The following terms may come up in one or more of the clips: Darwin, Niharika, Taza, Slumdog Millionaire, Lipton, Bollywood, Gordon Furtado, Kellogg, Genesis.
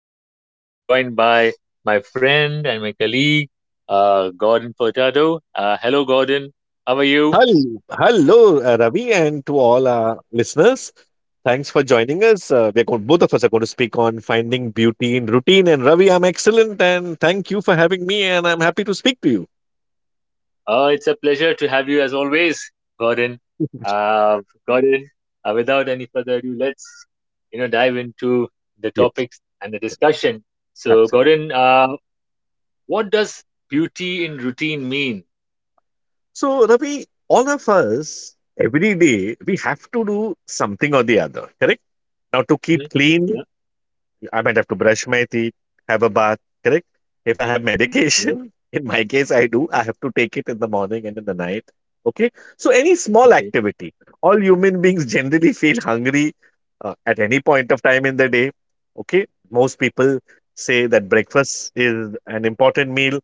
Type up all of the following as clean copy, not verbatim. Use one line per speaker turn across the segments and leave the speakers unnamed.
this, I am being joined by my friend and my colleague, Gordon Furtado. Hello, Gordon. How are you?
Hello, Ravi, and to all our listeners. Thanks for joining us. Both of us are going to speak on finding beauty in routine. And Ravi, I'm excellent, and thank you for having me. And I'm happy to speak to you.
It's a pleasure to have you as always, Gordon. Gordon, without any further ado, let's dive into the
Yes,
topics and the discussion. So,
absolutely.
Gordon, what does beauty in routine mean?
So, Ravi, all of us every day we have to do something or the other. Correct? Now, to keep
Mm,
clean,
Yeah.
I might have to brush my teeth, have a bath, correct? If I
mm,
have
yeah.
medication, in my case, I do, I have to take it in the morning and in the night. Okay. So, any small
Okay.
activity, all human beings generally feel hungry at any point of time in the day. Okay. Most people say that breakfast is an important meal.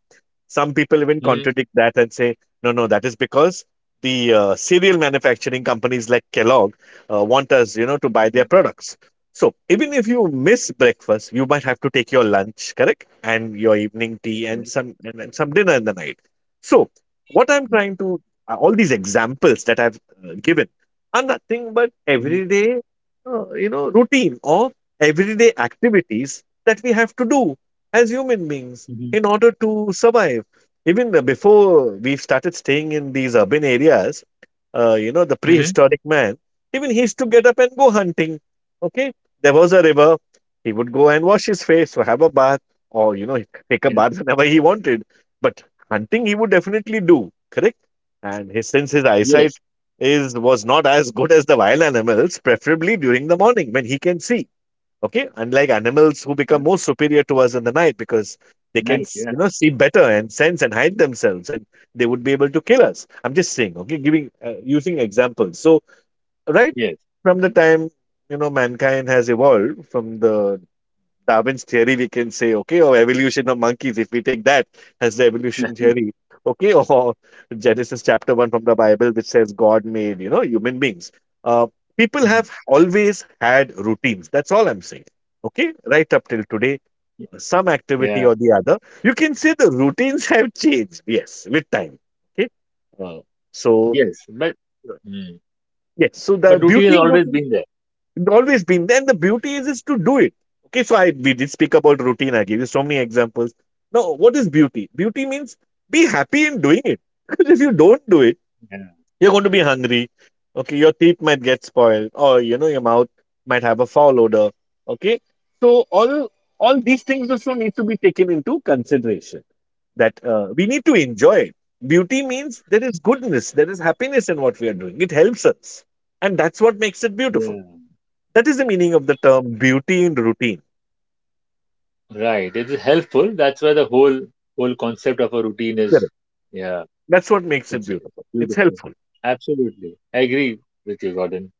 Some people even
Mhm.
contradict that and say, no, no, that is because the cereal manufacturing companies like Kellogg want us, to buy their
Mhm.
products. So even if you miss breakfast, you might have to take your lunch, correct, and your evening tea
Yeah.
and some and some dinner in the night. So what I'm
Yeah.
trying to all these examples that I've given are nothing but
Mhm.
everyday, routine or everyday activities that we have to do as human beings
Mhm.
in order to survive. Even before we started staying in these urban areas, the
Mhm.
prehistoric man, even he used to get up and go hunting. Okay, there was a river. He would go and wash his face or have a bath or, he could take a
Yeah.
bath whenever he wanted. But hunting he would definitely do, correct? And his, since his eyesight
Yes.
is was not as good as the wild animals, preferably during the morning when he can see. Okay, unlike animals who
Yeah.
become more superior to us in the night because they can
Right. Yeah.
see better and sense and hide themselves, and they would be able to kill us. I'm just saying, okay, giving using examples. So right
Yes.
from the time mankind has evolved from the Darwin's theory, we can say, okay, or evolution of monkeys, if we take that as the evolution theory, okay, or Genesis chapter 1 from the Bible, which says God made, human beings. Uh, People
Mhm.
have always had routines. That's all I'm saying. Okay, right up till today, some activity
Yeah.
or the other. You can say the routines have changed, yes, with time. Okay. uh, so
Yes. Mm,
yes, so the
but routine has
beauty and
always
routine.
been there.
It's always been there. And the beauty is to do it. Okay, so I we did speak about routine. I gave you so many examples. Now, what is beauty? Beauty means be happy in doing it. Because if you don't do it,
Yeah.
you're going to be hungry. Okay, your teeth might get spoiled, or your mouth might have a foul odor. Okay, so all these things also need to be taken into consideration. That we need to enjoy it. Beauty means there is goodness, there is happiness in what we are doing. It helps us, and that's what makes it beautiful.
Yeah.
That is the meaning of the term beauty in routine.
Right. It is helpful. That's why the whole concept of a routine is.
Correct.
Yeah.
That's what makes it
It's
beautiful. It's
beautiful.
helpful.
Absolutely. I agree with you, Gordon.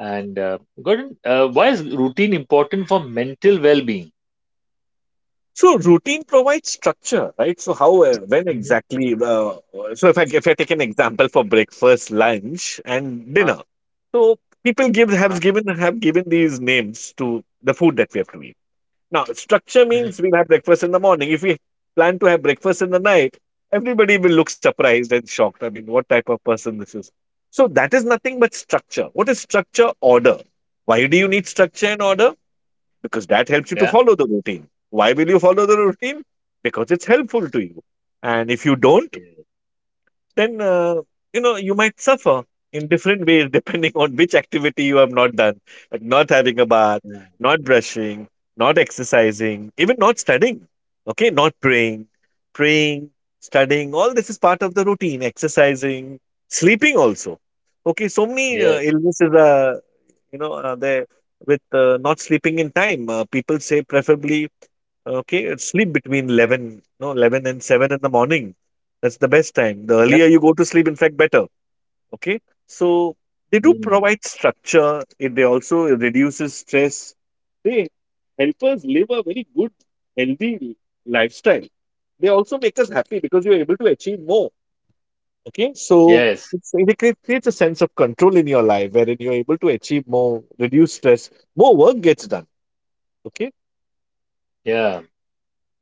And Gordon, why is routine important for mental well-being?
So routine provides structure, right? So how, when
Mm-hmm.
exactly? So if I take an example for breakfast, lunch, and
Huh?
dinner, so people give
Huh?
have given these names to the food that we have to eat. Now structure means
Hmm.
we'll have breakfast in the morning. If we plan to have breakfast in the night, everybody will look surprised and shocked. I mean, what type of person this is? So that is nothing but structure. What is structure? Order. Why do you need structure and order? Because that helps you to
Yeah.
follow the routine. Why will you follow the routine? Because it's helpful to you. And if you don't,
Yeah.
then you might suffer in different ways depending on which activity you have not done, like not having a bath,
Yeah.
not brushing, not exercising, even not studying. Okay, not praying, studying. All this is part of the routine. Exercising, sleeping also. Okay, so many
Yes.
illnesses are, you know they with not sleeping in time. People say preferably, okay, sleep between 11, no, 11 and 7 in the morning. That's the best time. The
Yeah.
earlier you go to sleep, in fact, better. Okay, so they do
Mm.
provide structure. It they also reduces stress, they help us live a very good, healthy lifestyle. They also make us happy because you're able to achieve more. Okay, so
Yes.
creates a sense of control in your life wherein you're able to achieve more, reduce stress, more work gets done. Okay,
Yeah.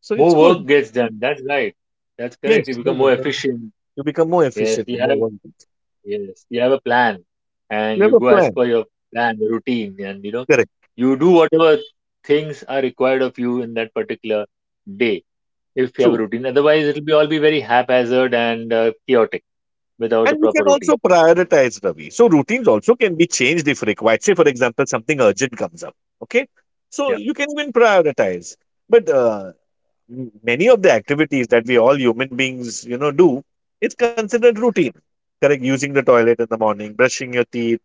so
More
it's good.
work gets done. That's right. That's correct.
Yes,
You become
more
more
work. And
efficient.
you become more
Yes.
efficient,
You have
more work gets-.
yes, you have a plan, and
You have
you
a
go as
plan.
per your plan, the routine, and
Correct.
you do whatever things are required of you in that particular day. If you have a
True.
routine, otherwise it'll be all be very haphazard and chaotic without a
And you
proper
can also
routine.
prioritize, Ravi. So routines also can be changed if required. Say, for example, something urgent comes up. Okay, so
Yeah,
you can even prioritize. But many of the activities that we all human beings, do, it's considered routine. Correct? Using the toilet in the morning, brushing your teeth,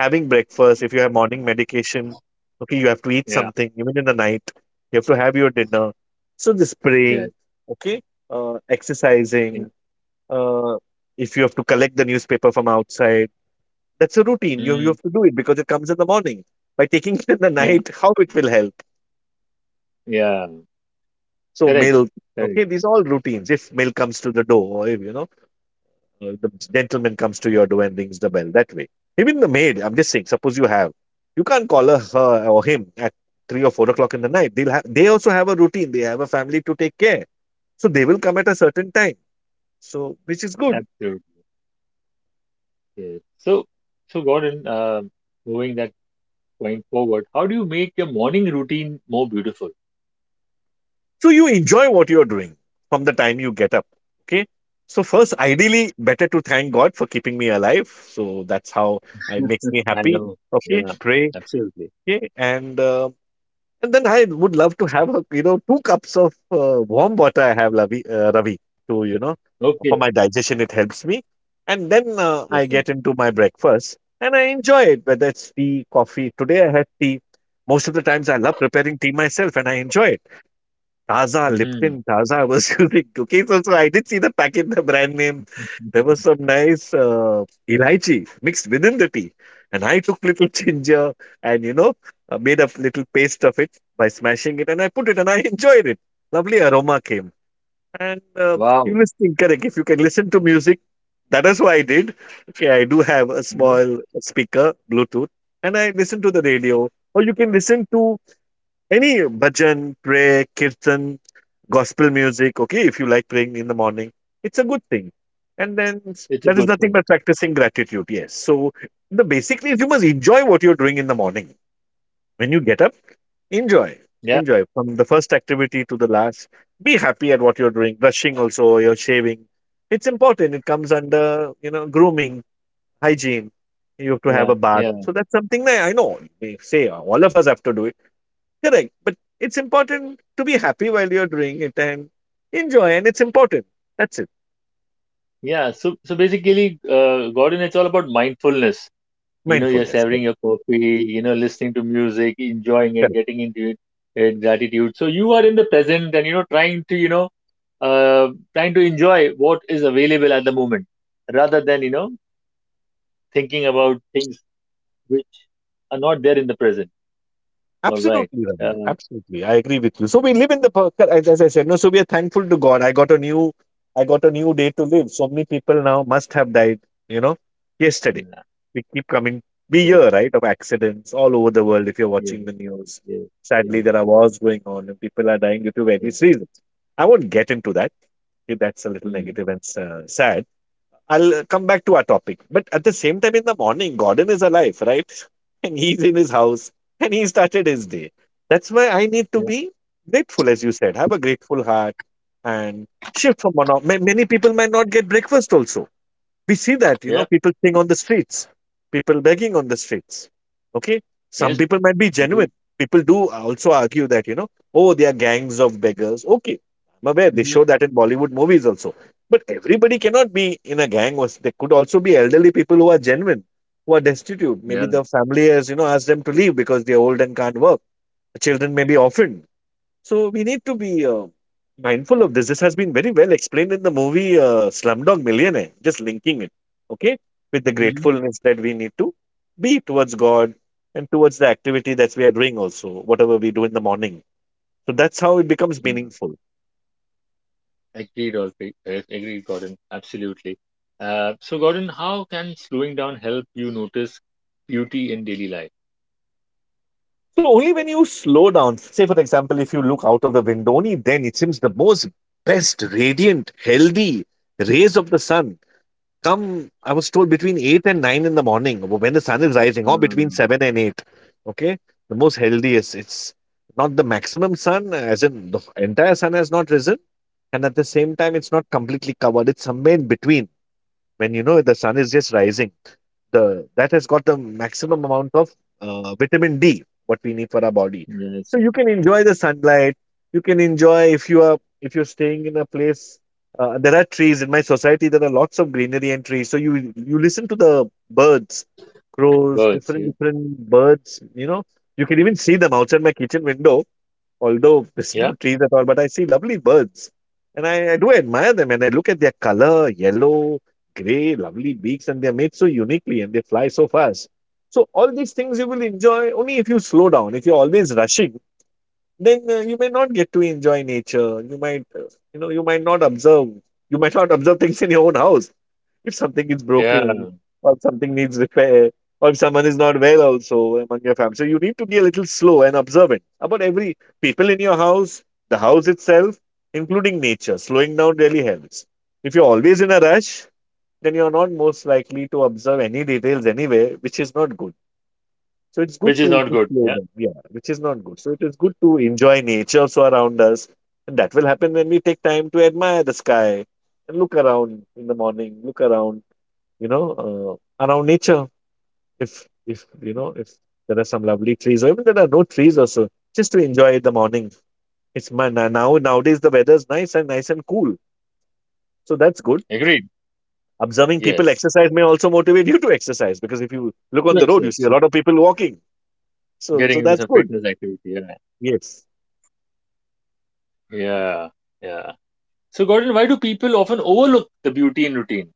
having breakfast. If you have morning medication, okay, you have to eat
yeah,
something. Even in the night, you have to have your dinner. So this
yeah,
praying, okay,
yeah,
exercising. Uh, if you have to collect the newspaper from outside, that's a routine. You
mm,
have to do it because it comes in the morning. By taking it in the
yeah,
night, how it will help?
yeah.
So
Correct,
milk.
correct,
Okay, these are all routines. If milk comes to the door, or if the gentleman comes to your door and rings the bell that way. Even the maid, I'm just saying, suppose you have, you can't call her or him at 3 or 4 o'clock in the night. They also have a routine. They have a family to take care, so they will come at a certain time. So which is good.
absolutely. Yes. So, Gordon, moving that point forward, how do you make your morning routine more beautiful?
So you enjoy what you're doing from the time you get up. Okay. So first, ideally, better to thank God for keeping me alive. So that's how it makes me
I
happy.
know.
Okay,
Yeah,
pray.
absolutely.
Okay, and uh, And then I would love to have, two cups of warm water I have, Ravi, to for
Okay,
my digestion, it helps me. And then I
definitely.
get into my breakfast and I enjoy it, whether it's tea, coffee. Today I had tea. Most of the times I love preparing tea myself and I enjoy it. Taza,
Mm-hmm.
Lipton Taza I was using, cookies also, I did see the packet, the brand name. There was some nice, elaichi mixed within the tea, and I took little ginger and, made a little paste of it by smashing it, and I put it, and I enjoyed it. Lovely aroma came. And, uh, you
Wow.
listening, correct, if you can listen to music, that is what I did. Okay, I do have a
Uh-huh.
small speaker, Bluetooth, and I listen to the radio, or you can listen to any bhajan, prayer, kirtan, gospel music, okay, if you like praying in the morning, it's a good thing. And then
It's a
that is
good
nothing
thing.
but practicing gratitude, yes. So the basically is you must enjoy what you're doing in the morning. When you get up, enjoy.
Yeah,
Enjoy from the first activity to the last. Be happy at what you're doing. Brushing also, you're shaving. It's important. It comes under, grooming, hygiene. You have to have
yeah,
a bath.
yeah,
So that's something that I know they say all of us have to do it. Correct. But it's important to be happy while you're doing it and enjoy, and it's important. That's it.
yeah. So, basically, Gordon, it's all about mindfulness. You're
Mindfulness.
savoring
Correct.
your coffee, listening to music, enjoying it,
Correct.
getting into it in gratitude, so you are in the present, and trying to uh, trying to enjoy what is available at the moment rather than thinking about things which are not there in the present. All right.
Absolutely, Ravi.
uh,
Absolutely. I agree with you. So we live in the, as I said, no, so we are thankful to God. I got a new, I got a new day to live. So many people now must have died, you know, yesterday.
yeah,
We keep coming, we
correct,
hear, right, of accidents all over the world if you're
yes,
watching the news.
yes,
Sadly,
yes,
there are wars going on and people are dying due to
yeah.
various reasons. I won't get into that. Okay, that's a little
Mm.
negative and sad. I'll come back to our topic. But at the same time, in the morning, Gordon is alive, right? And he's in his house and he started his day. That's why I need to
Yeah,
be grateful, as you said, have a grateful heart and shift from one off. Many people might not get breakfast also. We see that,
yeah,
people sing on the streets, people begging on the streets. Okay. Some
yes,
people might be
agree.
genuine. People do also argue that, oh, they are gangs of beggars. Okay. I'm aware they
Mm-hmm.
show that in Bollywood movies also. But everybody cannot be in a gang. Or there could also be elderly people who are genuine, who are destitute. Maybe
Yeah.
the family has, asked them to leave because they're old and can't work. The children may be orphaned, so we need to be mindful of this. This has been very well explained in the movie Slumdog Millionaire, just linking it, okay, with the
Mm-hmm.
gratefulness that we need to be towards God and towards the activity that we are doing also, whatever we do in the morning. So that's how it becomes
Yeah.
meaningful.
Agreed, Orfi- agreed, Gordon. Absolutely. So, Gordon, how can slowing down help you notice beauty in daily life?
So only when you slow down, say for example, if you look out of the window, only then it seems the most best, radiant, healthy rays of the sun come. I was told between 8 and 9 in the morning when the sun is rising, or between
Mm,
7 and 8. Okay. The most healthiest. It's not the maximum sun, as in the entire sun has not risen. And at the same time, it's not completely covered. It's somewhere in between, when the sun is just rising, the that has got the maximum amount of vitamin D, what we need for our body.
yes,
So you can enjoy the sunlight. You can enjoy if you are if you're staying in a place. There are trees in my society, there are lots of greenery and trees, so you listen to the birds, crows,
birds.
different
Yeah,
different birds. You can even see them outside my kitchen window, although there's no
yeah,
trees at all, but I see lovely birds. And I do admire them. And I look at their color, yellow, gray, lovely beaks, and they're made so uniquely and they fly so fast. So, all these things you will enjoy only if you slow down. If you're always rushing, then you may not get to enjoy nature. You might, you might not observe. You might not observe things in your own house. If something is
yeah.
broken, or if something needs repair, or if someone is not well also among your family. So you need to be a little slow and observant about every people in your house, the house itself, including nature. Slowing down really helps. If you're always in a rush, then you're not most likely to observe any details anywhere, which is not good. So it's good
Which is
to,
not
to
good.
slow
Yeah,
down, yeah, which is not good. So it is good to enjoy nature also around us. And that will happen when we take time to admire the sky and look around in the morning, look around, around nature. If, if there are some lovely trees, or even there are no trees also, just to enjoy the morning. It's my nowadays. The weather is nice and cool, so that's good.
agreed.
Observing people
Yes,
exercise may also motivate you to exercise, because if you look
to
on the road, you see a
excess.
lot of people walking. So
Getting
so
into
that's
some
good.
fitness activity. Yeah,
Yes.
yeah, yeah. So, Gordon, why do people often overlook the beauty in routine?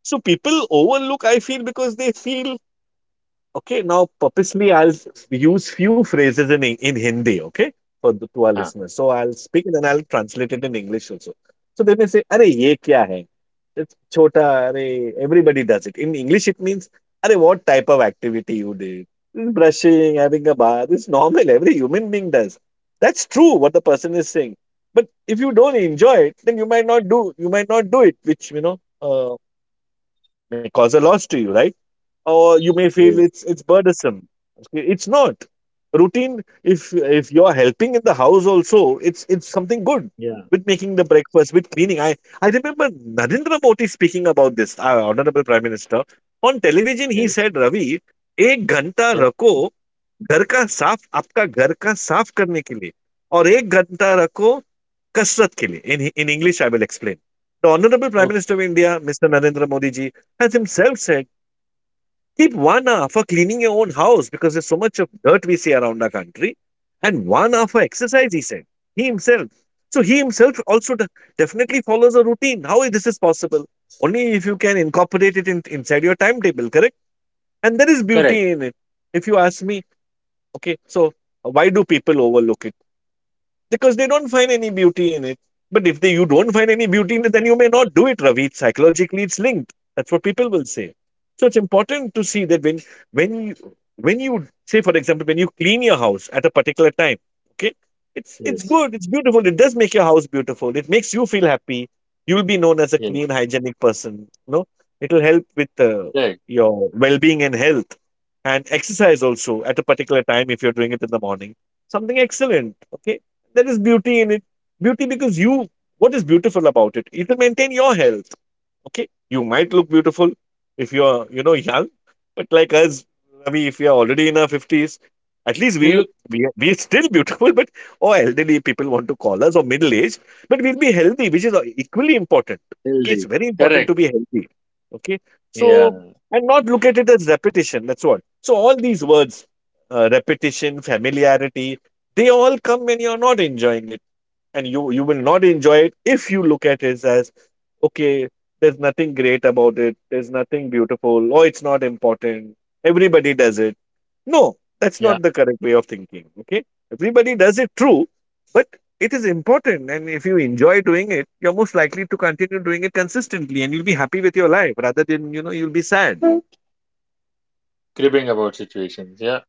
So people overlook, I feel, because they feel, okay, now purposely I'll use few phrases in in Hindi, okay, to our
Huh.
listeners. So I'll speak it and I'll translate it in English also. So they may say, "Arey ye kya hai?" It's chota. Arey everybody does it. In English, it means, "Arey what
Yes. Yeah. Yes. Yeah. Okay. Correct. Yes. Yes. Correct. We look healthy. Correct. Yeah. Yeah. Cribbing about situations. Yeah,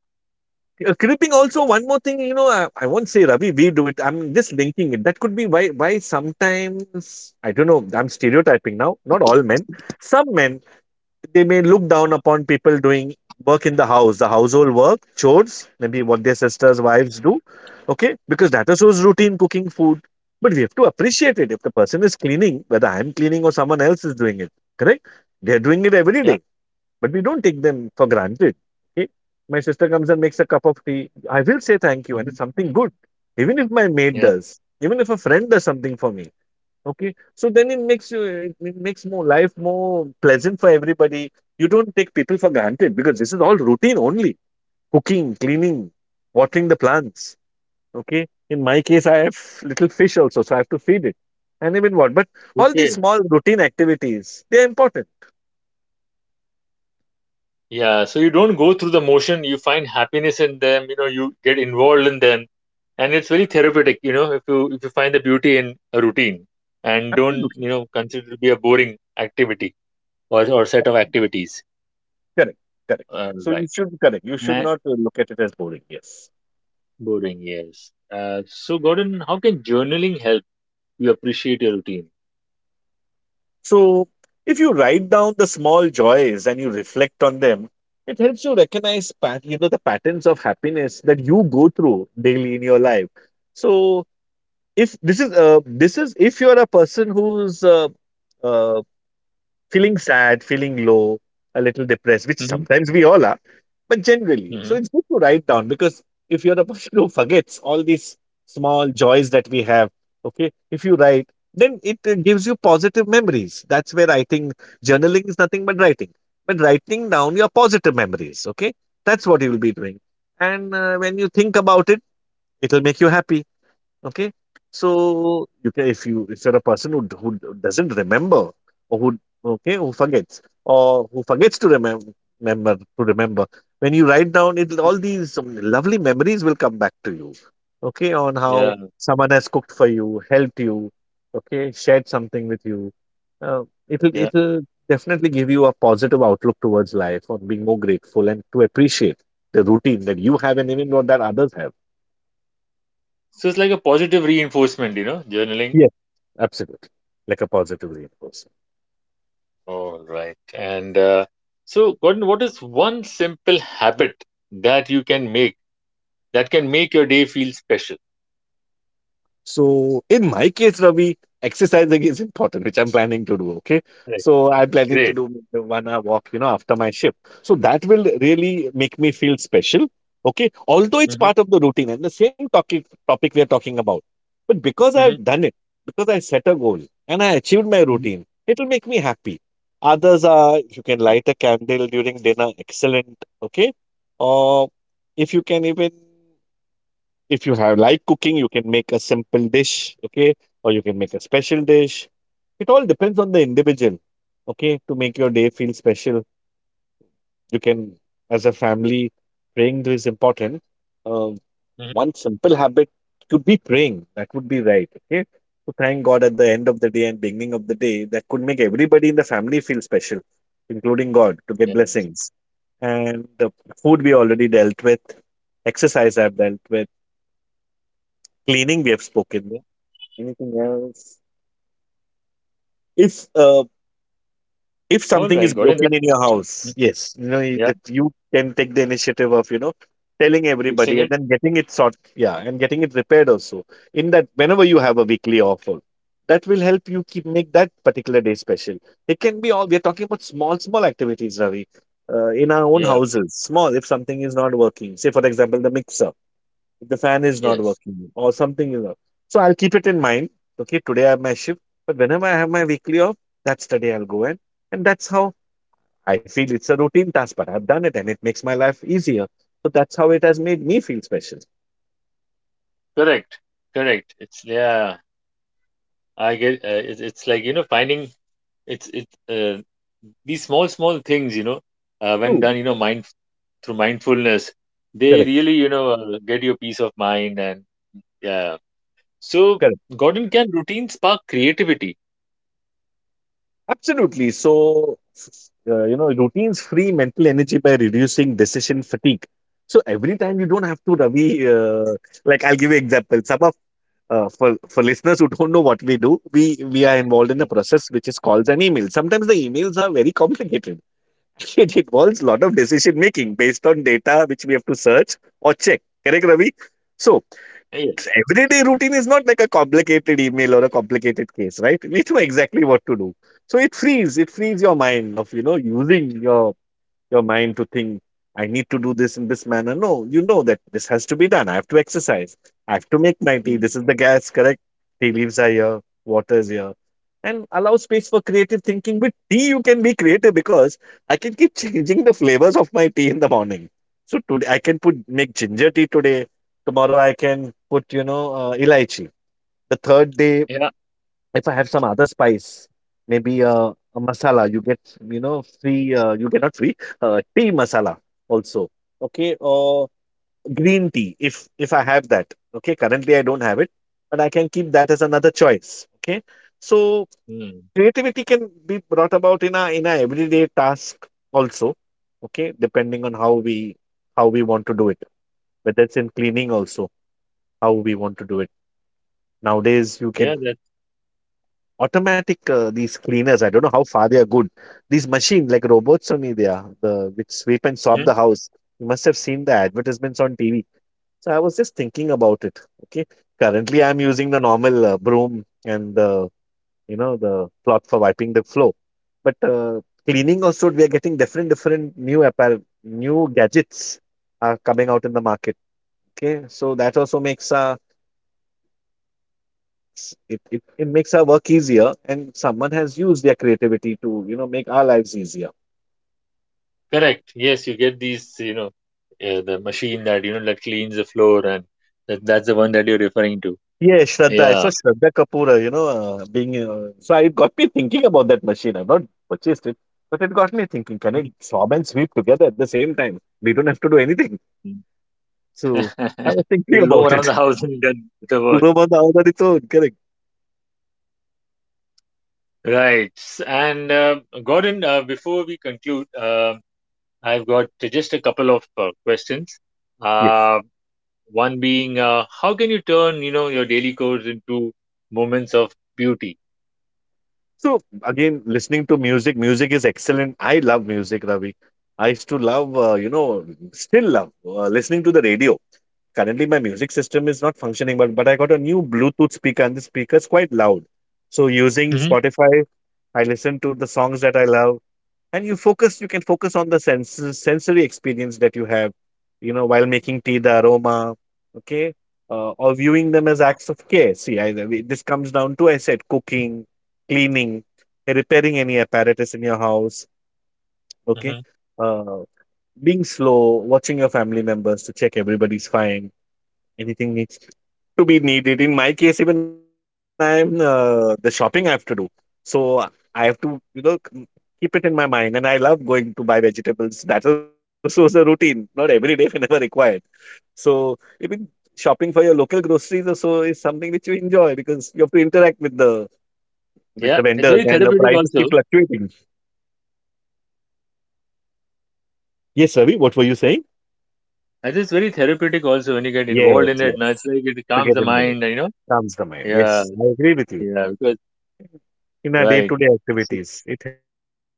yeah, mhm, yeah. Okay. Yeah. So you don't go through the motion. You find happiness in them. You know, you get involved in them, and it's very therapeutic. You know, if you find the beauty in a routine, and don't consider it to be a boring activity or set of activities. Right. Na- Boring. Yes. So Gordon, how can journaling help you appreciate your routine? Mm-hmm. Mm-hmm. Yeah. Yeah. So it's like a positive reinforcement, you know, journaling. All right. And so, Gordon, what is one simple habit that you can make that can make your day feel special? Right. Great. Mm-hmm. Mm-hmm. Mm-hmm. Mm-hmm. Yes. Yeah. All right, Gordon. That, mm, yeah, fixing it. Yeah. Yes. Correct. Correct. It's, yeah. I get. It's like finding, it's these small things, when done, mind through mindfulness, they really get your peace of mind and. Yeah. So, Gordon, can routine spark creativity? Yeah. Yes. Mm. Yeah. Mm. Yeah. That. Mhm. Correct. Yes, you get these. You know, the machine that that cleans the floor, and that's the one that you're referring to. Yeah. Mhm. It'll go around the house and done the work. Right. And Gordon, before we conclude, I've got just a couple of questions. Um One being, how can you turn, you know, your daily chores into moments of beauty? Hmm. Hmm. Yeah, it's very therapeutic also. It is very therapeutic also when you get involved in it. Now it's like it calms the mind, you know. Yeah, yeah, because right. So,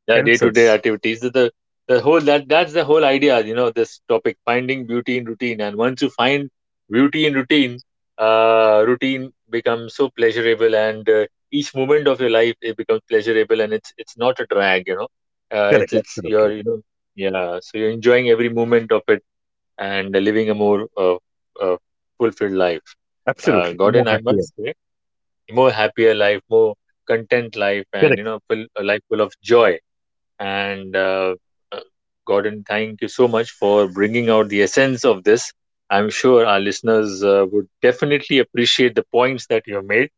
their day-to-day activities. The whole that that's the whole idea, you know, this topic finding beauty in routine. And once you find beauty in routine, routine becomes so pleasurable, and each moment of your life it becomes pleasurable, and it's not a drag, you know. It's you're you know yeah, so you're enjoying every moment of it and living a more uh, fulfilled life. Gordon, I must say, more happier life, more content life, and you know, full a life full of joy and uh, Gordon, thank you so much for bringing out the essence of this. I'm sure our listeners would definitely appreciate the points that you have made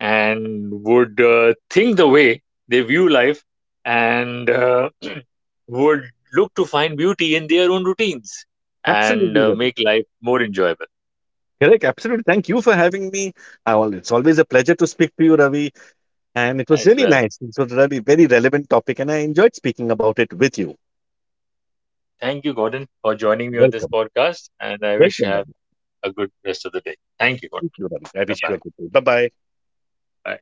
and would think the way they view life and would look to find beauty in their own routines and make life more enjoyable as well. Thank you, Gordon, for joining me on this podcast, and I wish you have a good rest of the day. Thank you, Gordon. Bye-bye. Bye.